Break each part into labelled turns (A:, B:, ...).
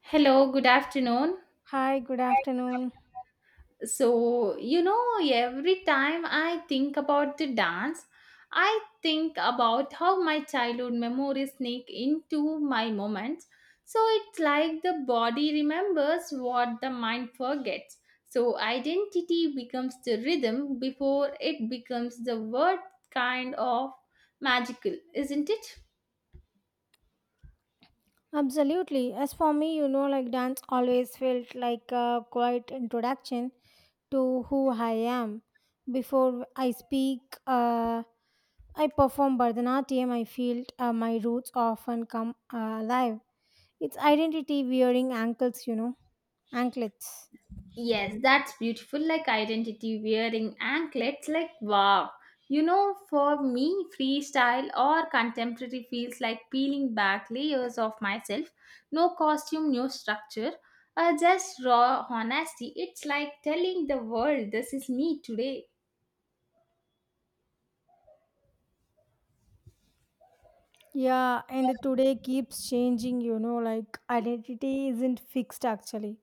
A: Hello, good afternoon.
B: Hi, good afternoon.
A: Every time I think about the dance, I think about how my childhood memories sneak into my moments. So, it's like the body remembers what the mind forgets. So, identity becomes the rhythm before it becomes the word kind of magical, isn't it?
B: Absolutely. As for me, like dance always felt like a quiet introduction to who I am. Before I speak, uh, I perform Bharatanatyam, I feel my roots often come alive. It's identity wearing ankles, anklets.
A: Yes, that's beautiful. Like identity wearing anklets, like wow. You know, for me, freestyle or contemporary feels like peeling back layers of myself. No costume, no structure, just raw honesty. It's like telling the world this is me today.
B: Yeah, and today keeps changing, like identity isn't fixed actually.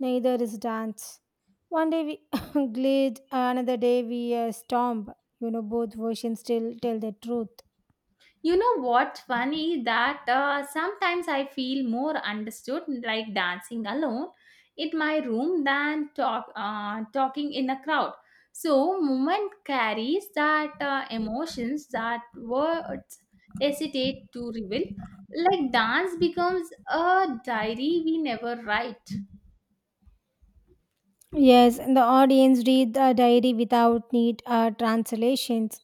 B: Neither is dance. One day we glide, another day we stomp. Both versions still tell the truth.
A: You know what's funny that sometimes I feel more understood like dancing alone in my room than talking in a crowd. So movement carries that emotions that words hesitate to reveal. Like dance becomes a diary we never write.
B: Yes, and the audience read the diary without need translations.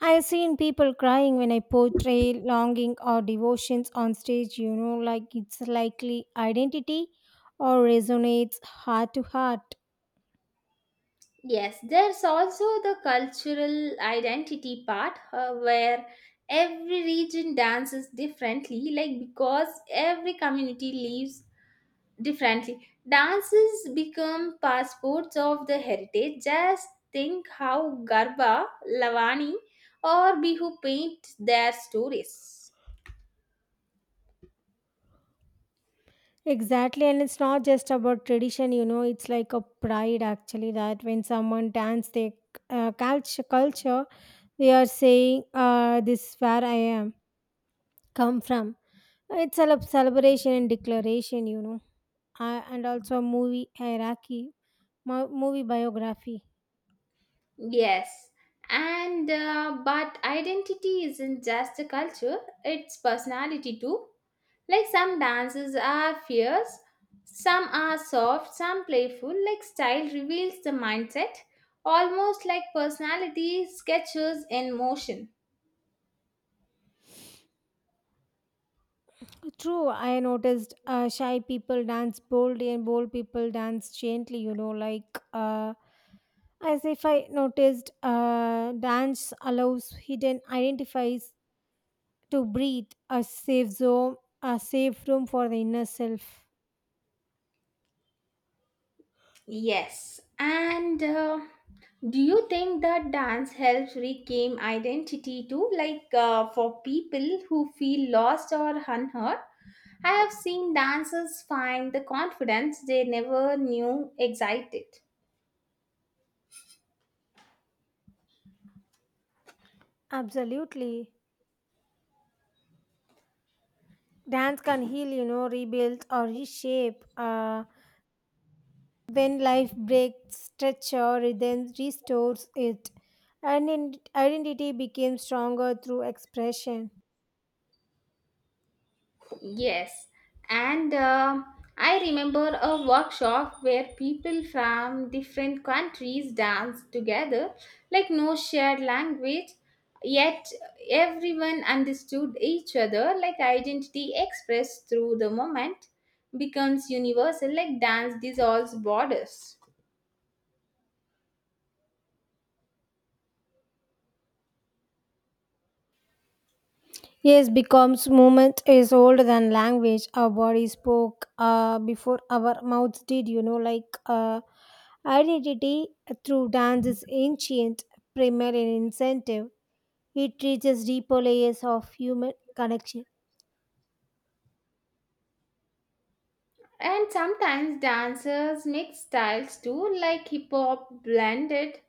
B: I have seen people crying when I portray longing or devotions on stage, like it's likely identity or resonates heart to heart.
A: Yes, there's also the cultural identity part where every region dances differently, like because every community lives differently. Dances become passports of the heritage. Just think how Garba, Lavani, or Bihu paint their stories.
B: Exactly, and it's not just about tradition, it's like a pride actually that when someone dance their culture, they are saying, this where I am, come from. It's a celebration and declaration, and also a movie hierarchy, movie biography.
A: Yes, and but identity isn't just a culture, it's personality too. Like some dances are fierce, some are soft, some playful. Like style reveals the mindset, almost like personality sketches in motion.
B: True, I noticed shy people dance boldly and bold people dance gently, as if I noticed dance allows hidden identifies to breathe, a safe zone, a safe room for the inner self.
A: Yes, and do you think that dance helps reclaim identity too? Like for people who feel lost or unheard? I have seen dancers find the confidence they never knew existed.
B: Absolutely. Dance can heal, rebuild or reshape. When life breaks, structure, rhythm restores it. And identity becomes stronger through expression.
A: Yes, and I remember a workshop where people from different countries danced together, like no shared language, yet everyone understood each other, like identity expressed through the moment becomes universal, like dance dissolves borders.
B: Yes, becomes movement is older than language. Our body spoke before our mouths did, identity through dance is ancient, primal, and incentive. It reaches deeper layers of human connection.
A: And sometimes dancers mix styles too, like hip hop blended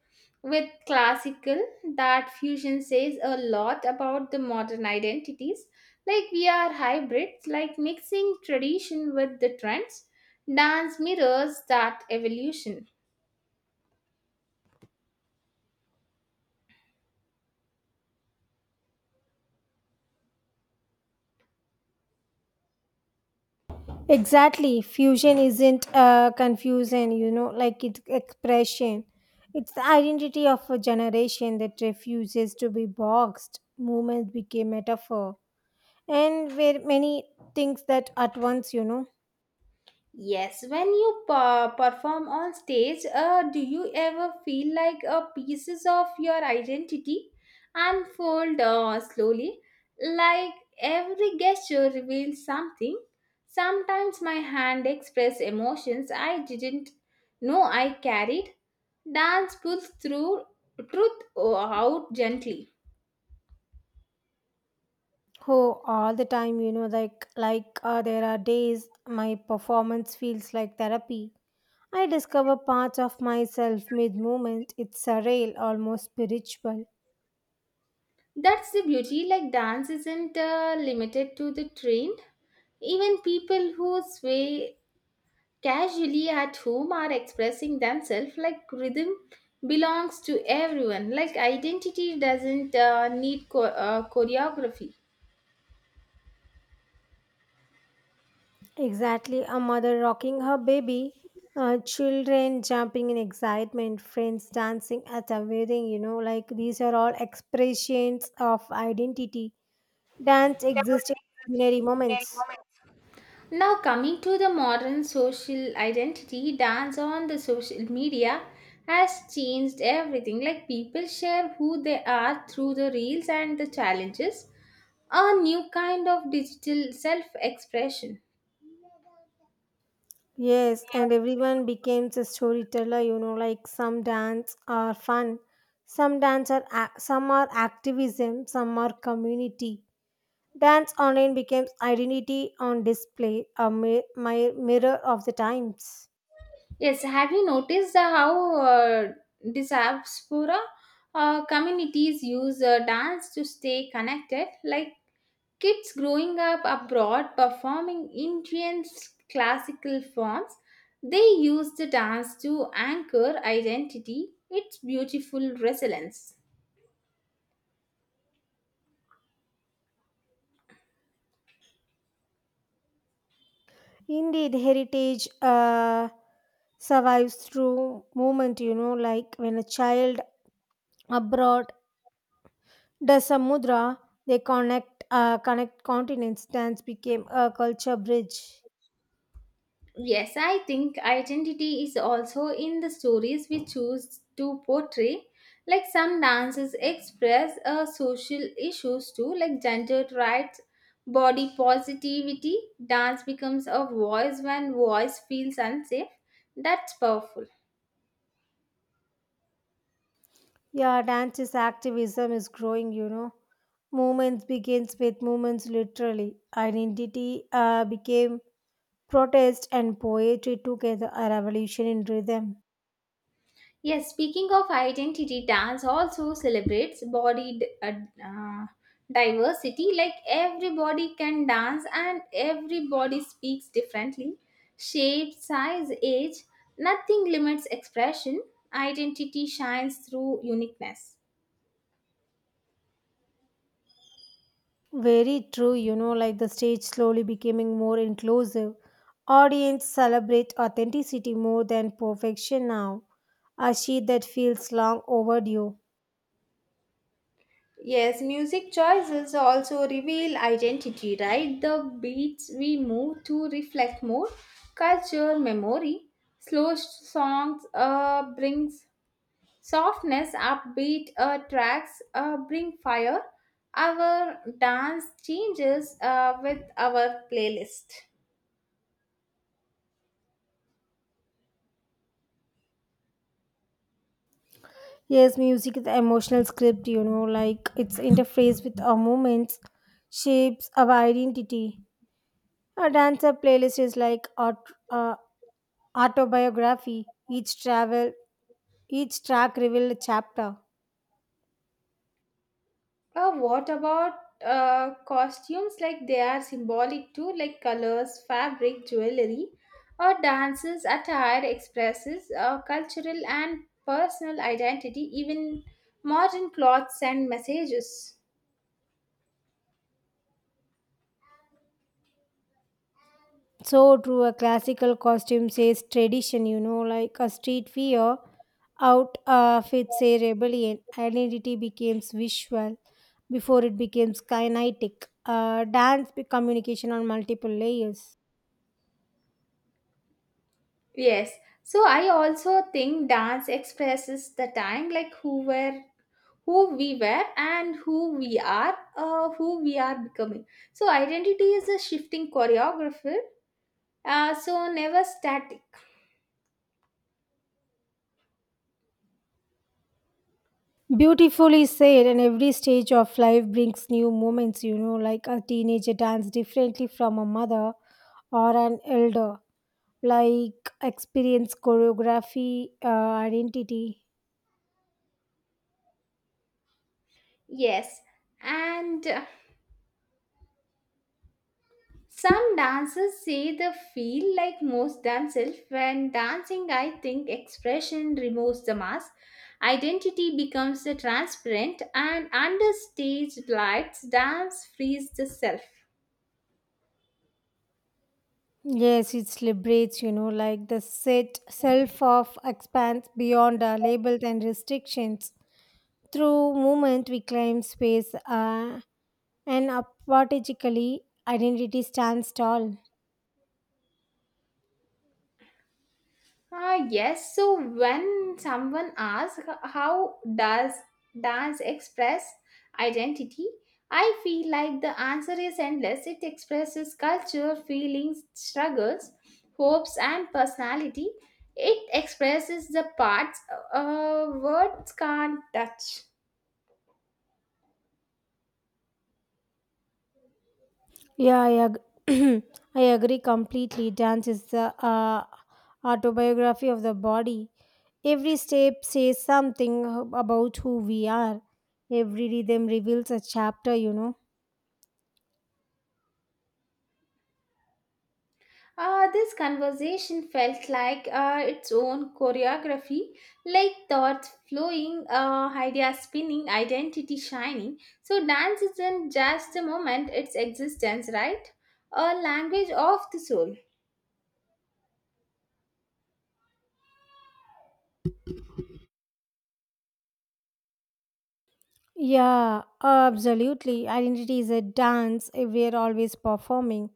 A: with classical. That fusion says a lot about the modern identities. Like we are hybrids, like mixing tradition with the trends. Dance mirrors that evolution.
B: Exactly. Fusion isn't confusion, like it's expression. It's the identity of a generation that refuses to be boxed. Movement became metaphor. And where many things that at once,
A: Yes, when you perform on stage, do you ever feel like pieces of your identity unfold slowly? Like every gesture reveals something. Sometimes my hand express emotions I didn't know I carried. Dance pulls through truth out gently.
B: Oh, all the time, there are days my performance feels like therapy. I discover parts of myself mid movement. It's surreal, almost spiritual.
A: That's the beauty. Like dance isn't limited to the trained even people who sway casually at home are expressing themselves like rhythm belongs to everyone like identity doesn't need choreography.
B: Exactly, a mother rocking her baby, children jumping in excitement, friends dancing at a wedding, like these are all expressions of identity. Dance existed in ordinary moments.
A: Now coming to the modern social identity, dance on the social media has changed everything, like people share who they are through the reels and the challenges, a new kind of digital self expression.
B: Yes, and everyone becomes a storyteller, like some dance are fun, some dance are some are activism, some are community. Dance online becomes identity on display, a mirror of the times.
A: Yes, have you noticed the how diaspora communities use dance to stay connected? Like kids growing up abroad performing Indian classical forms, they use the dance to anchor identity. It's beautiful resilience.
B: Indeed, heritage survives through movement, like when a child abroad does a mudra, they connect, connect continents. Dance became a culture bridge.
A: Yes, I think identity is also in the stories we choose to portray. Like some dances express social issues too, like gender rights, body positivity. Dance becomes a voice when voice feels unsafe. That's powerful.
B: Yeah, dance is activism is growing, Movements begins with movements literally. Identity became protest and poetry together, a revolution in rhythm.
A: Yes, speaking of identity, dance also celebrates body diversity. Like everybody can dance and everybody speaks differently. Shape, size, age, nothing limits expression. Identity shines through uniqueness.
B: Very true, like the stage slowly becoming more inclusive. Audience celebrate authenticity more than perfection now. A sheet that feels long overdue.
A: Yes, music choices also reveal identity, right? The beats we move to reflect more culture, memory. Slow songs brings softness, upbeat tracks bring fire. Our dance changes with our playlist.
B: Yes, music is emotional script, like it's interface with our movements, shapes our identity. A dancer playlist is like autobiography. Each travel, each track reveal a chapter.
A: What about costumes? Like they are symbolic too, like colors, fabric, jewelry. Or dances attire expresses cultural and personal identity. Even modern clothes send messages.
B: So true, a classical costume says tradition, like a street fear out of its a rebellion. Identity becomes visual before it becomes kinetic. Dance communication on multiple layers.
A: Yes. So I also think dance expresses the time, like who we were and who we are becoming. So, identity is a shifting choreographer, so never static.
B: Beautifully said, and every stage of life brings new moments, like a teenager dance differently from a mother or an elder, like experience, choreography, identity.
A: Yes, and some dancers say they feel like most themselves when dancing. I think expression removes the mask. Identity becomes a transparent and under stage lights, dance frees the self.
B: Yes, it liberates, like the set self of expands beyond our labels and restrictions. Through movement, we claim space and apathetically, identity stands tall.
A: Ah, yes. So when someone asks how does dance express identity, I feel like the answer is endless. It expresses culture, feelings, struggles, hopes, and personality. It expresses the parts words can't touch.
B: Yeah, I agree completely. Dance is the autobiography of the body. Every step says something about who we are. Every rhythm reveals a chapter,
A: This conversation felt like its own choreography, like thoughts flowing, ideas spinning, identity shining. So, dance isn't just a moment, it's existence, right? A language of the soul.
B: Yeah, absolutely. Identity is a dance. We are always performing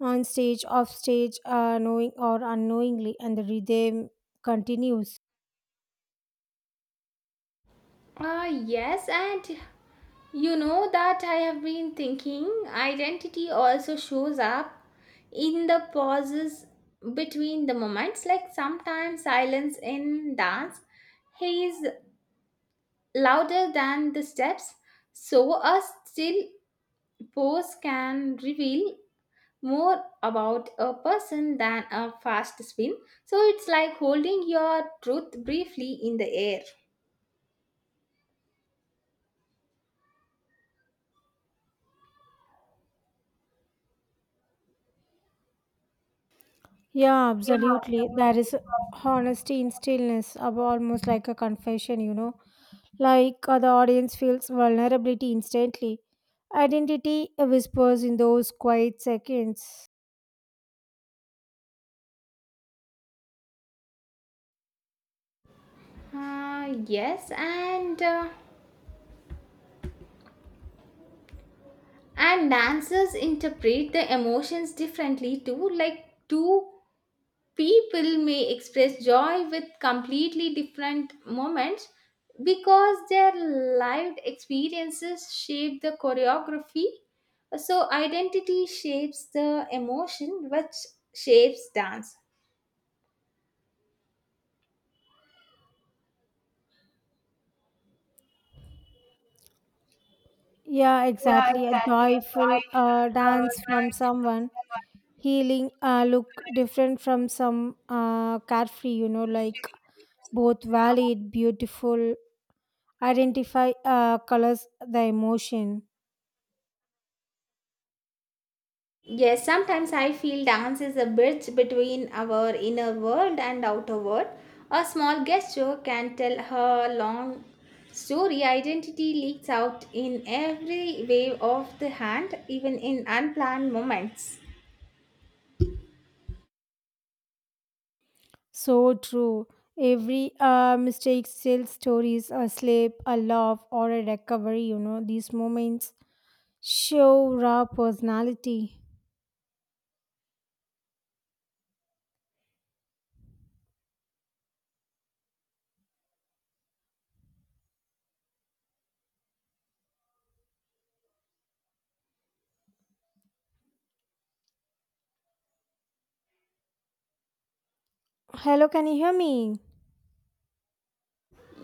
B: on stage, off stage, knowing or unknowingly, and the rhythm continues.
A: Yes, and you know that I have been thinking identity also shows up in the pauses between the moments, like sometimes silence in dance, haze louder than the steps, so a still pose can reveal more about a person than a fast spin. So it's like holding your truth briefly in the air.
B: Yeah, absolutely. There is honesty in stillness, almost like a confession, Like the audience feels vulnerability instantly. Identity whispers in those quiet seconds.
A: Yes, and dancers interpret the emotions differently too. Like two people may express joy with completely different moments because their lived experiences shape the choreography, so identity shapes the emotion which shapes dance.
B: Yeah, exactly. A joyful dance from someone healing look different from some carefree like both valid beautiful identify colors the emotion
A: Yes, sometimes I feel dance is a bridge between our inner world and outer world. A small gesture can tell her long story. Identity leaks out in every wave of the hand, even in unplanned moments.
B: so true every mistake tells stories a sleep a love or a recovery these moments show raw personality hello can you hear me.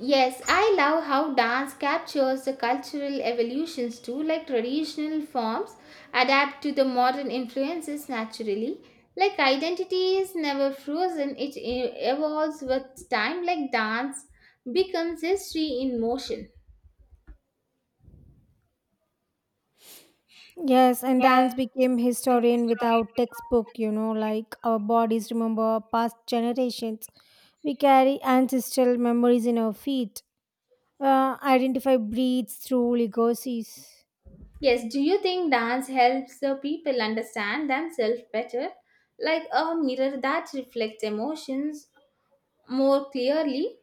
A: Yes, I love how dance captures the cultural evolutions too, like traditional forms adapt to the modern influences naturally. Like identity is never frozen, it evolves with time, like dance becomes history in motion.
B: Yes, and dance became historian without textbook, like our bodies remember past generations. We carry ancestral memories in our feet, identify breeds through legacies.
A: Yes, do you think dance helps the people understand themselves better, like a mirror that reflects emotions more clearly?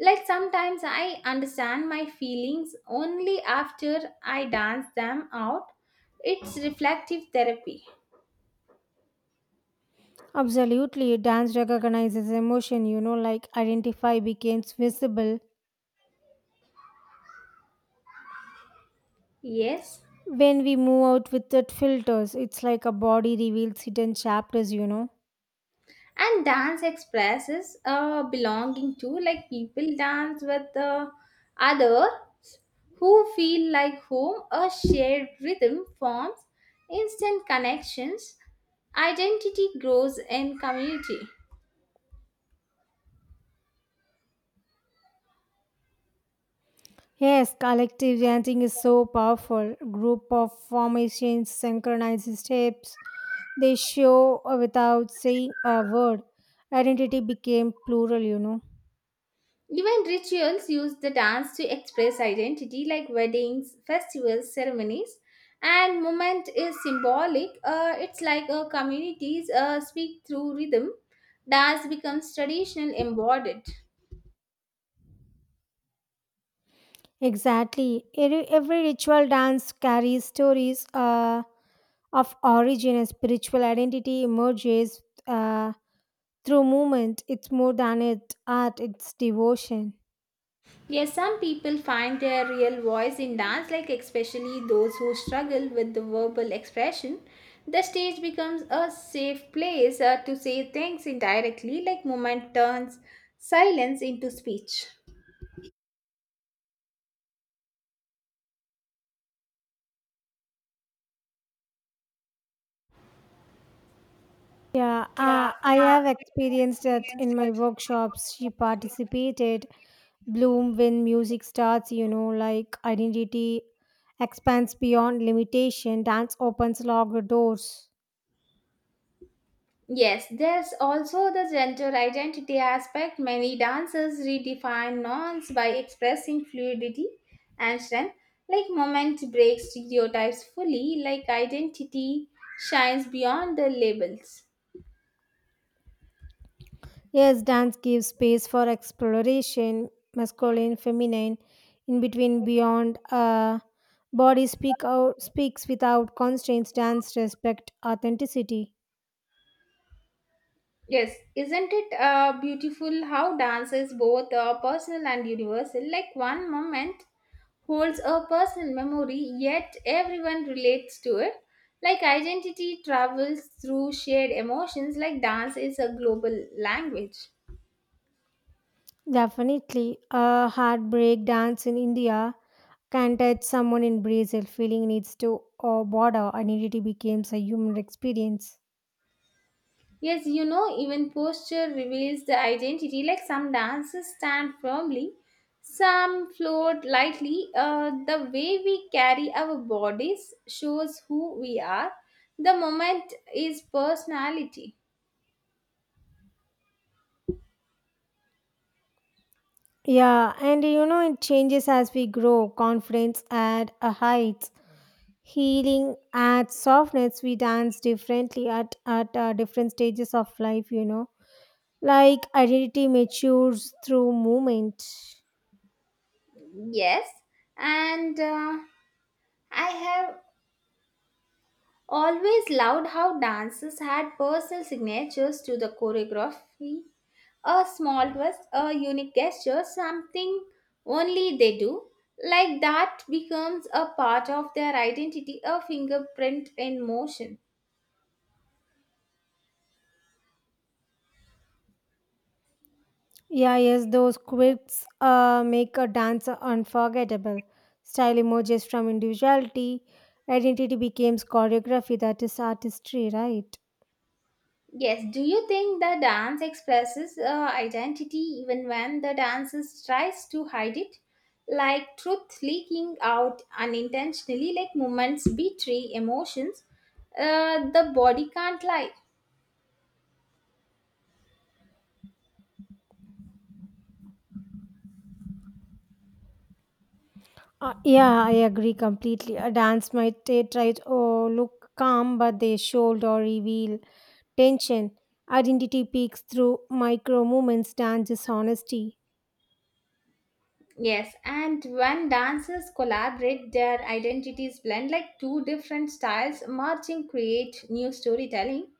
A: Like sometimes I understand my feelings only after I dance them out. It's reflective therapy.
B: Absolutely, dance recognizes emotion, like identify becomes visible
A: Yes.
B: when we move out without filters. It's like a body reveals hidden chapters,
A: And dance expresses belonging to, like people dance with the other who feel like home, a shared rhythm forms instant connections, identity grows in community.
B: Yes, collective dancing is so powerful. Group of formations synchronizes steps. They show without saying a word. Identity became plural,
A: Even rituals use the dance to express identity, like weddings, festivals, ceremonies, and movement is symbolic. It's like a communities speak through rhythm. Dance becomes traditional embodied.
B: Exactly. Every ritual dance carries stories of origin and spiritual identity emerges uh, through movement. It's more than it art, it's devotion.
A: Yes, some people find their real voice in dance, like especially those who struggle with the verbal expression. The stage becomes a safe place to say things indirectly, like movement turns silence into speech.
B: Yeah, I have experienced that in my workshops. She participated bloom when music starts, like identity expands beyond limitation, dance opens locked doors.
A: Yes, there's also the gender identity aspect. Many dancers redefine norms by expressing fluidity and strength. Like moment breaks stereotypes fully, like identity shines beyond the labels.
B: Yes, dance gives space for exploration, masculine, feminine, in between, beyond. Body speak out speaks without constraints. Dance respect authenticity.
A: Yes, isn't it beautiful how dance is both personal and universal? Like one moment holds a personal memory, yet everyone relates to it. Like identity travels through shared emotions, like dance is a global language.
B: Definitely, a heartbreak dance in India can touch someone in Brazil. Feeling needs to or border identity becomes a human experience.
A: Yes, you know, even posture reveals the identity. Like some dances stand firmly, some float lightly. The way we carry our bodies shows who we are. The moment is personality.
B: Yeah, and you know, it changes as we grow. Confidence at a height, healing at softness. We dance differently at different stages of life, Like identity matures through movement.
A: Yes, and I have always loved how dancers had personal signatures to the choreography. A small twist, a unique gesture, something only they do. Like that becomes a part of their identity, a fingerprint in motion.
B: Yeah, yes, those quirks make a dancer unforgettable. Style emerges from individuality. Identity becomes choreography, that is artistry, right?
A: Yes, do you think the dance expresses identity even when the dancer tries to hide it? Like truth leaking out unintentionally, like movements betray emotions, the body can't lie.
B: Yeah, I agree completely. A dance might they try to oh, look calm, but they should or reveal tension. Identity peaks through micro movements, dance is honesty.
A: Yes, and when dancers collaborate, their identities blend like two different styles merging, create new storytelling.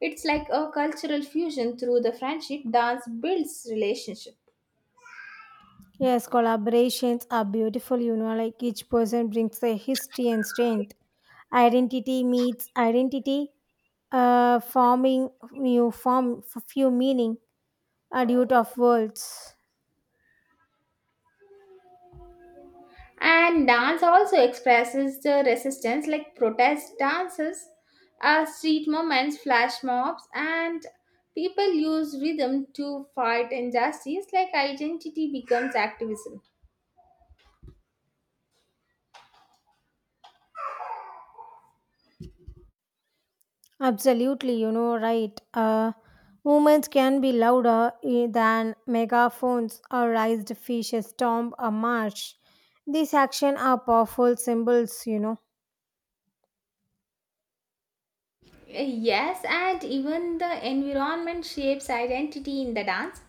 A: It's like a cultural fusion through the friendship dance builds relationship.
B: Yes, collaborations are beautiful, like each person brings their history and strength. Identity meets identity, forming new form, few meaning, a dude of words.
A: And dance also expresses the resistance, like protest dances, street movements, flash mobs, and people use rhythm to fight injustice, like identity becomes activism.
B: Absolutely, right. Movements can be louder than megaphones or raised fishes, tomb or march. These actions are powerful symbols,
A: Yes, and even the environment shapes identity in the dance.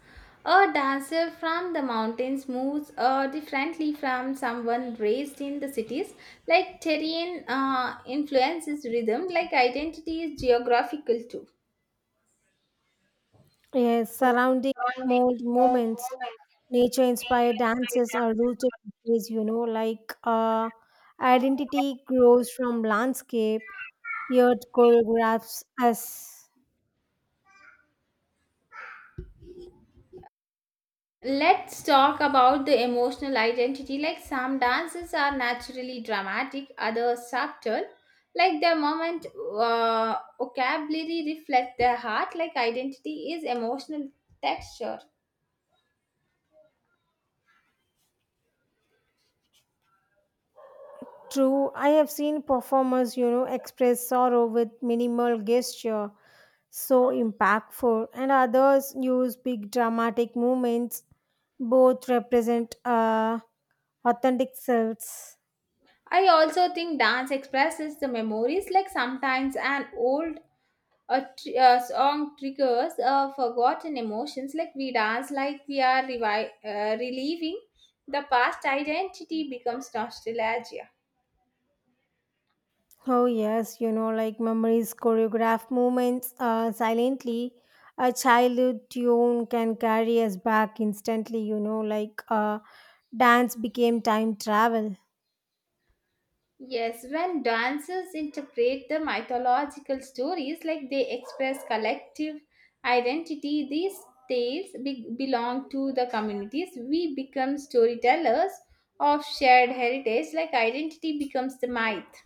A: A dancer from the mountains moves differently from someone raised in the cities. Like terrain influences rhythm, like identity is geographical too.
B: Yes, surrounding mold movements, nature inspired dances are rooted in place, identity grows from landscape, yet choreographs us.
A: Let's talk about the emotional identity. Like some dances are naturally dramatic, others subtle. Like their moment vocabulary reflects their heart. Like identity is emotional texture.
B: True, I have seen performers, express sorrow with minimal gesture, so impactful, and others use big dramatic movements. Both represent authentic selves.
A: I also think dance expresses the memories. Like sometimes an old song triggers forgotten emotions. Like we dance like we are relieving the past. Identity becomes nostalgia.
B: Oh, yes, like memories, choreograph movements silently. A childhood tune can carry us back instantly, dance became time travel.
A: Yes, when dancers interpret the mythological stories like they express collective identity, these tales belong to the communities. We become storytellers of shared heritage, like identity becomes the myth.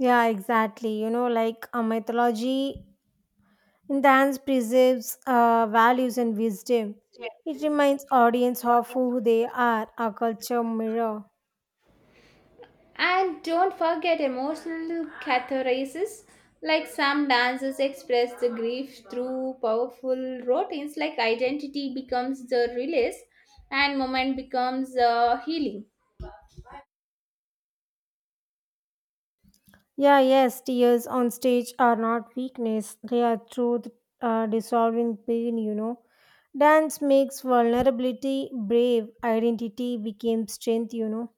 B: Yeah, exactly. Like a mythology dance preserves values and wisdom. It reminds audience of who they are, a culture mirror.
A: And don't forget emotional catharsis, like some dancers express the grief through powerful routines, like identity becomes the release and moment becomes the healing.
B: Yeah, yes, tears on stage are not weakness. They are truth dissolving pain, Dance makes vulnerability brave. Identity became strength,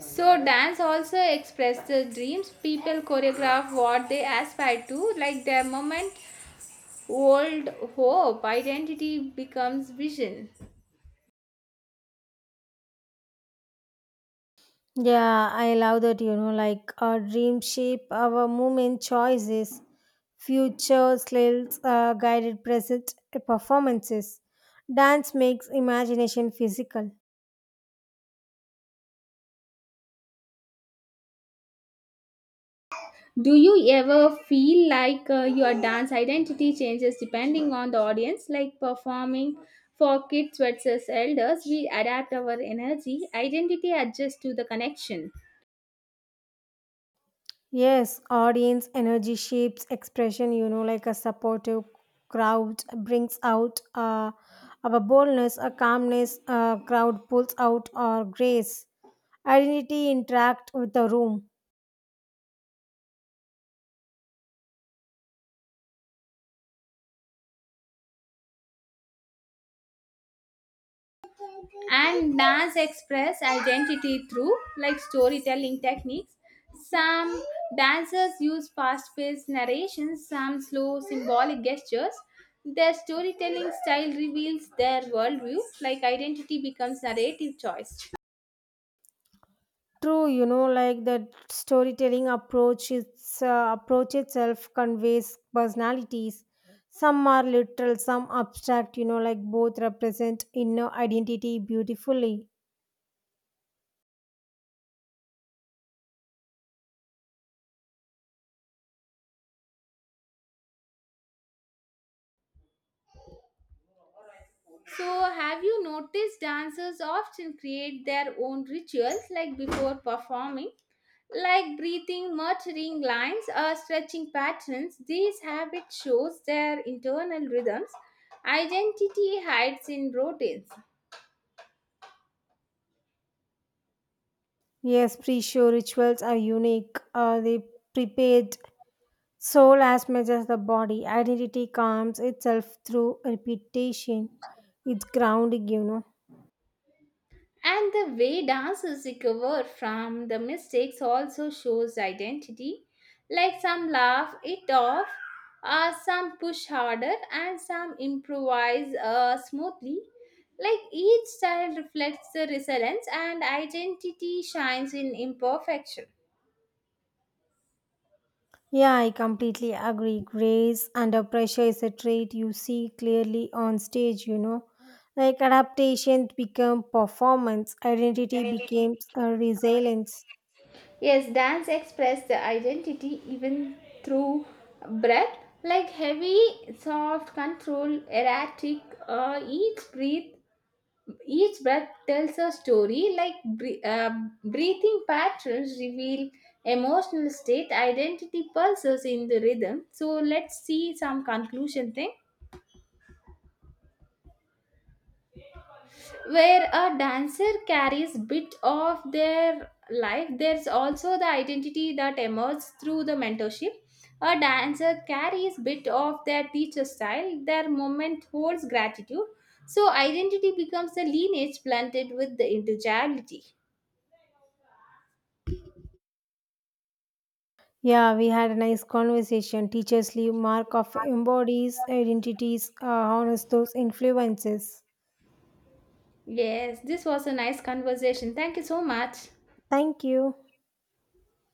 A: So dance also express the dreams. People choreograph what they aspire to, like their moment, old hope, identity becomes vision.
B: Yeah, I love that, like our dream shape, our movement choices, future sales, guided present performances. Dance makes imagination physical.
A: Do you ever feel like your dance identity changes depending on the audience, like performing for kids versus elders? We adapt our energy, identity adjusts to the connection.
B: Yes, audience energy shapes expression, like a supportive crowd brings out our boldness, a calmness, a crowd pulls out our grace. Identity interact with the room.
A: And dance express identity through like storytelling techniques, some dancers use fast-paced narrations, some slow symbolic gestures, their storytelling style reveals their worldview, like identity becomes narrative choice.
B: True, like that storytelling approach, its approach itself conveys personalities. Some are literal, some abstract, like both represent inner identity beautifully.
A: So, have you noticed dancers often create their own rituals like before performing? Like breathing, muttering lines, or stretching patterns, these habits shows their internal rhythms. Identity hides in routines.
B: Yes, pre show rituals are unique. They prepared soul as much as the body. Identity comes itself through repetition. It's grounding,
A: And the way dancers recover from the mistakes also shows identity. Like some laugh it off, some push harder, and some improvise smoothly. Like each style reflects the resilience and identity shines in imperfection.
B: Yeah, I completely agree. Grace under pressure is a trait you see clearly on stage, Like adaptation became performance, identity becomes a resilience.
A: Yes, dance express the identity even through breath, like heavy, soft, controlled, erratic. Uh, each breath Each breath tells a story like breathing patterns reveal emotional state, identity pulses in the rhythm. So let's see some conclusion thing. Where a dancer carries bit of their life, there's also the identity that emerges through the mentorship. A dancer carries bit of their teacher style, their moment holds gratitude. So identity becomes a lineage blended with the individuality.
B: Yeah, we had a nice conversation. Teachers leave mark of embodies, identities, honors those influences.
A: Yes, this was a nice conversation. Thank you so much.
B: Thank you.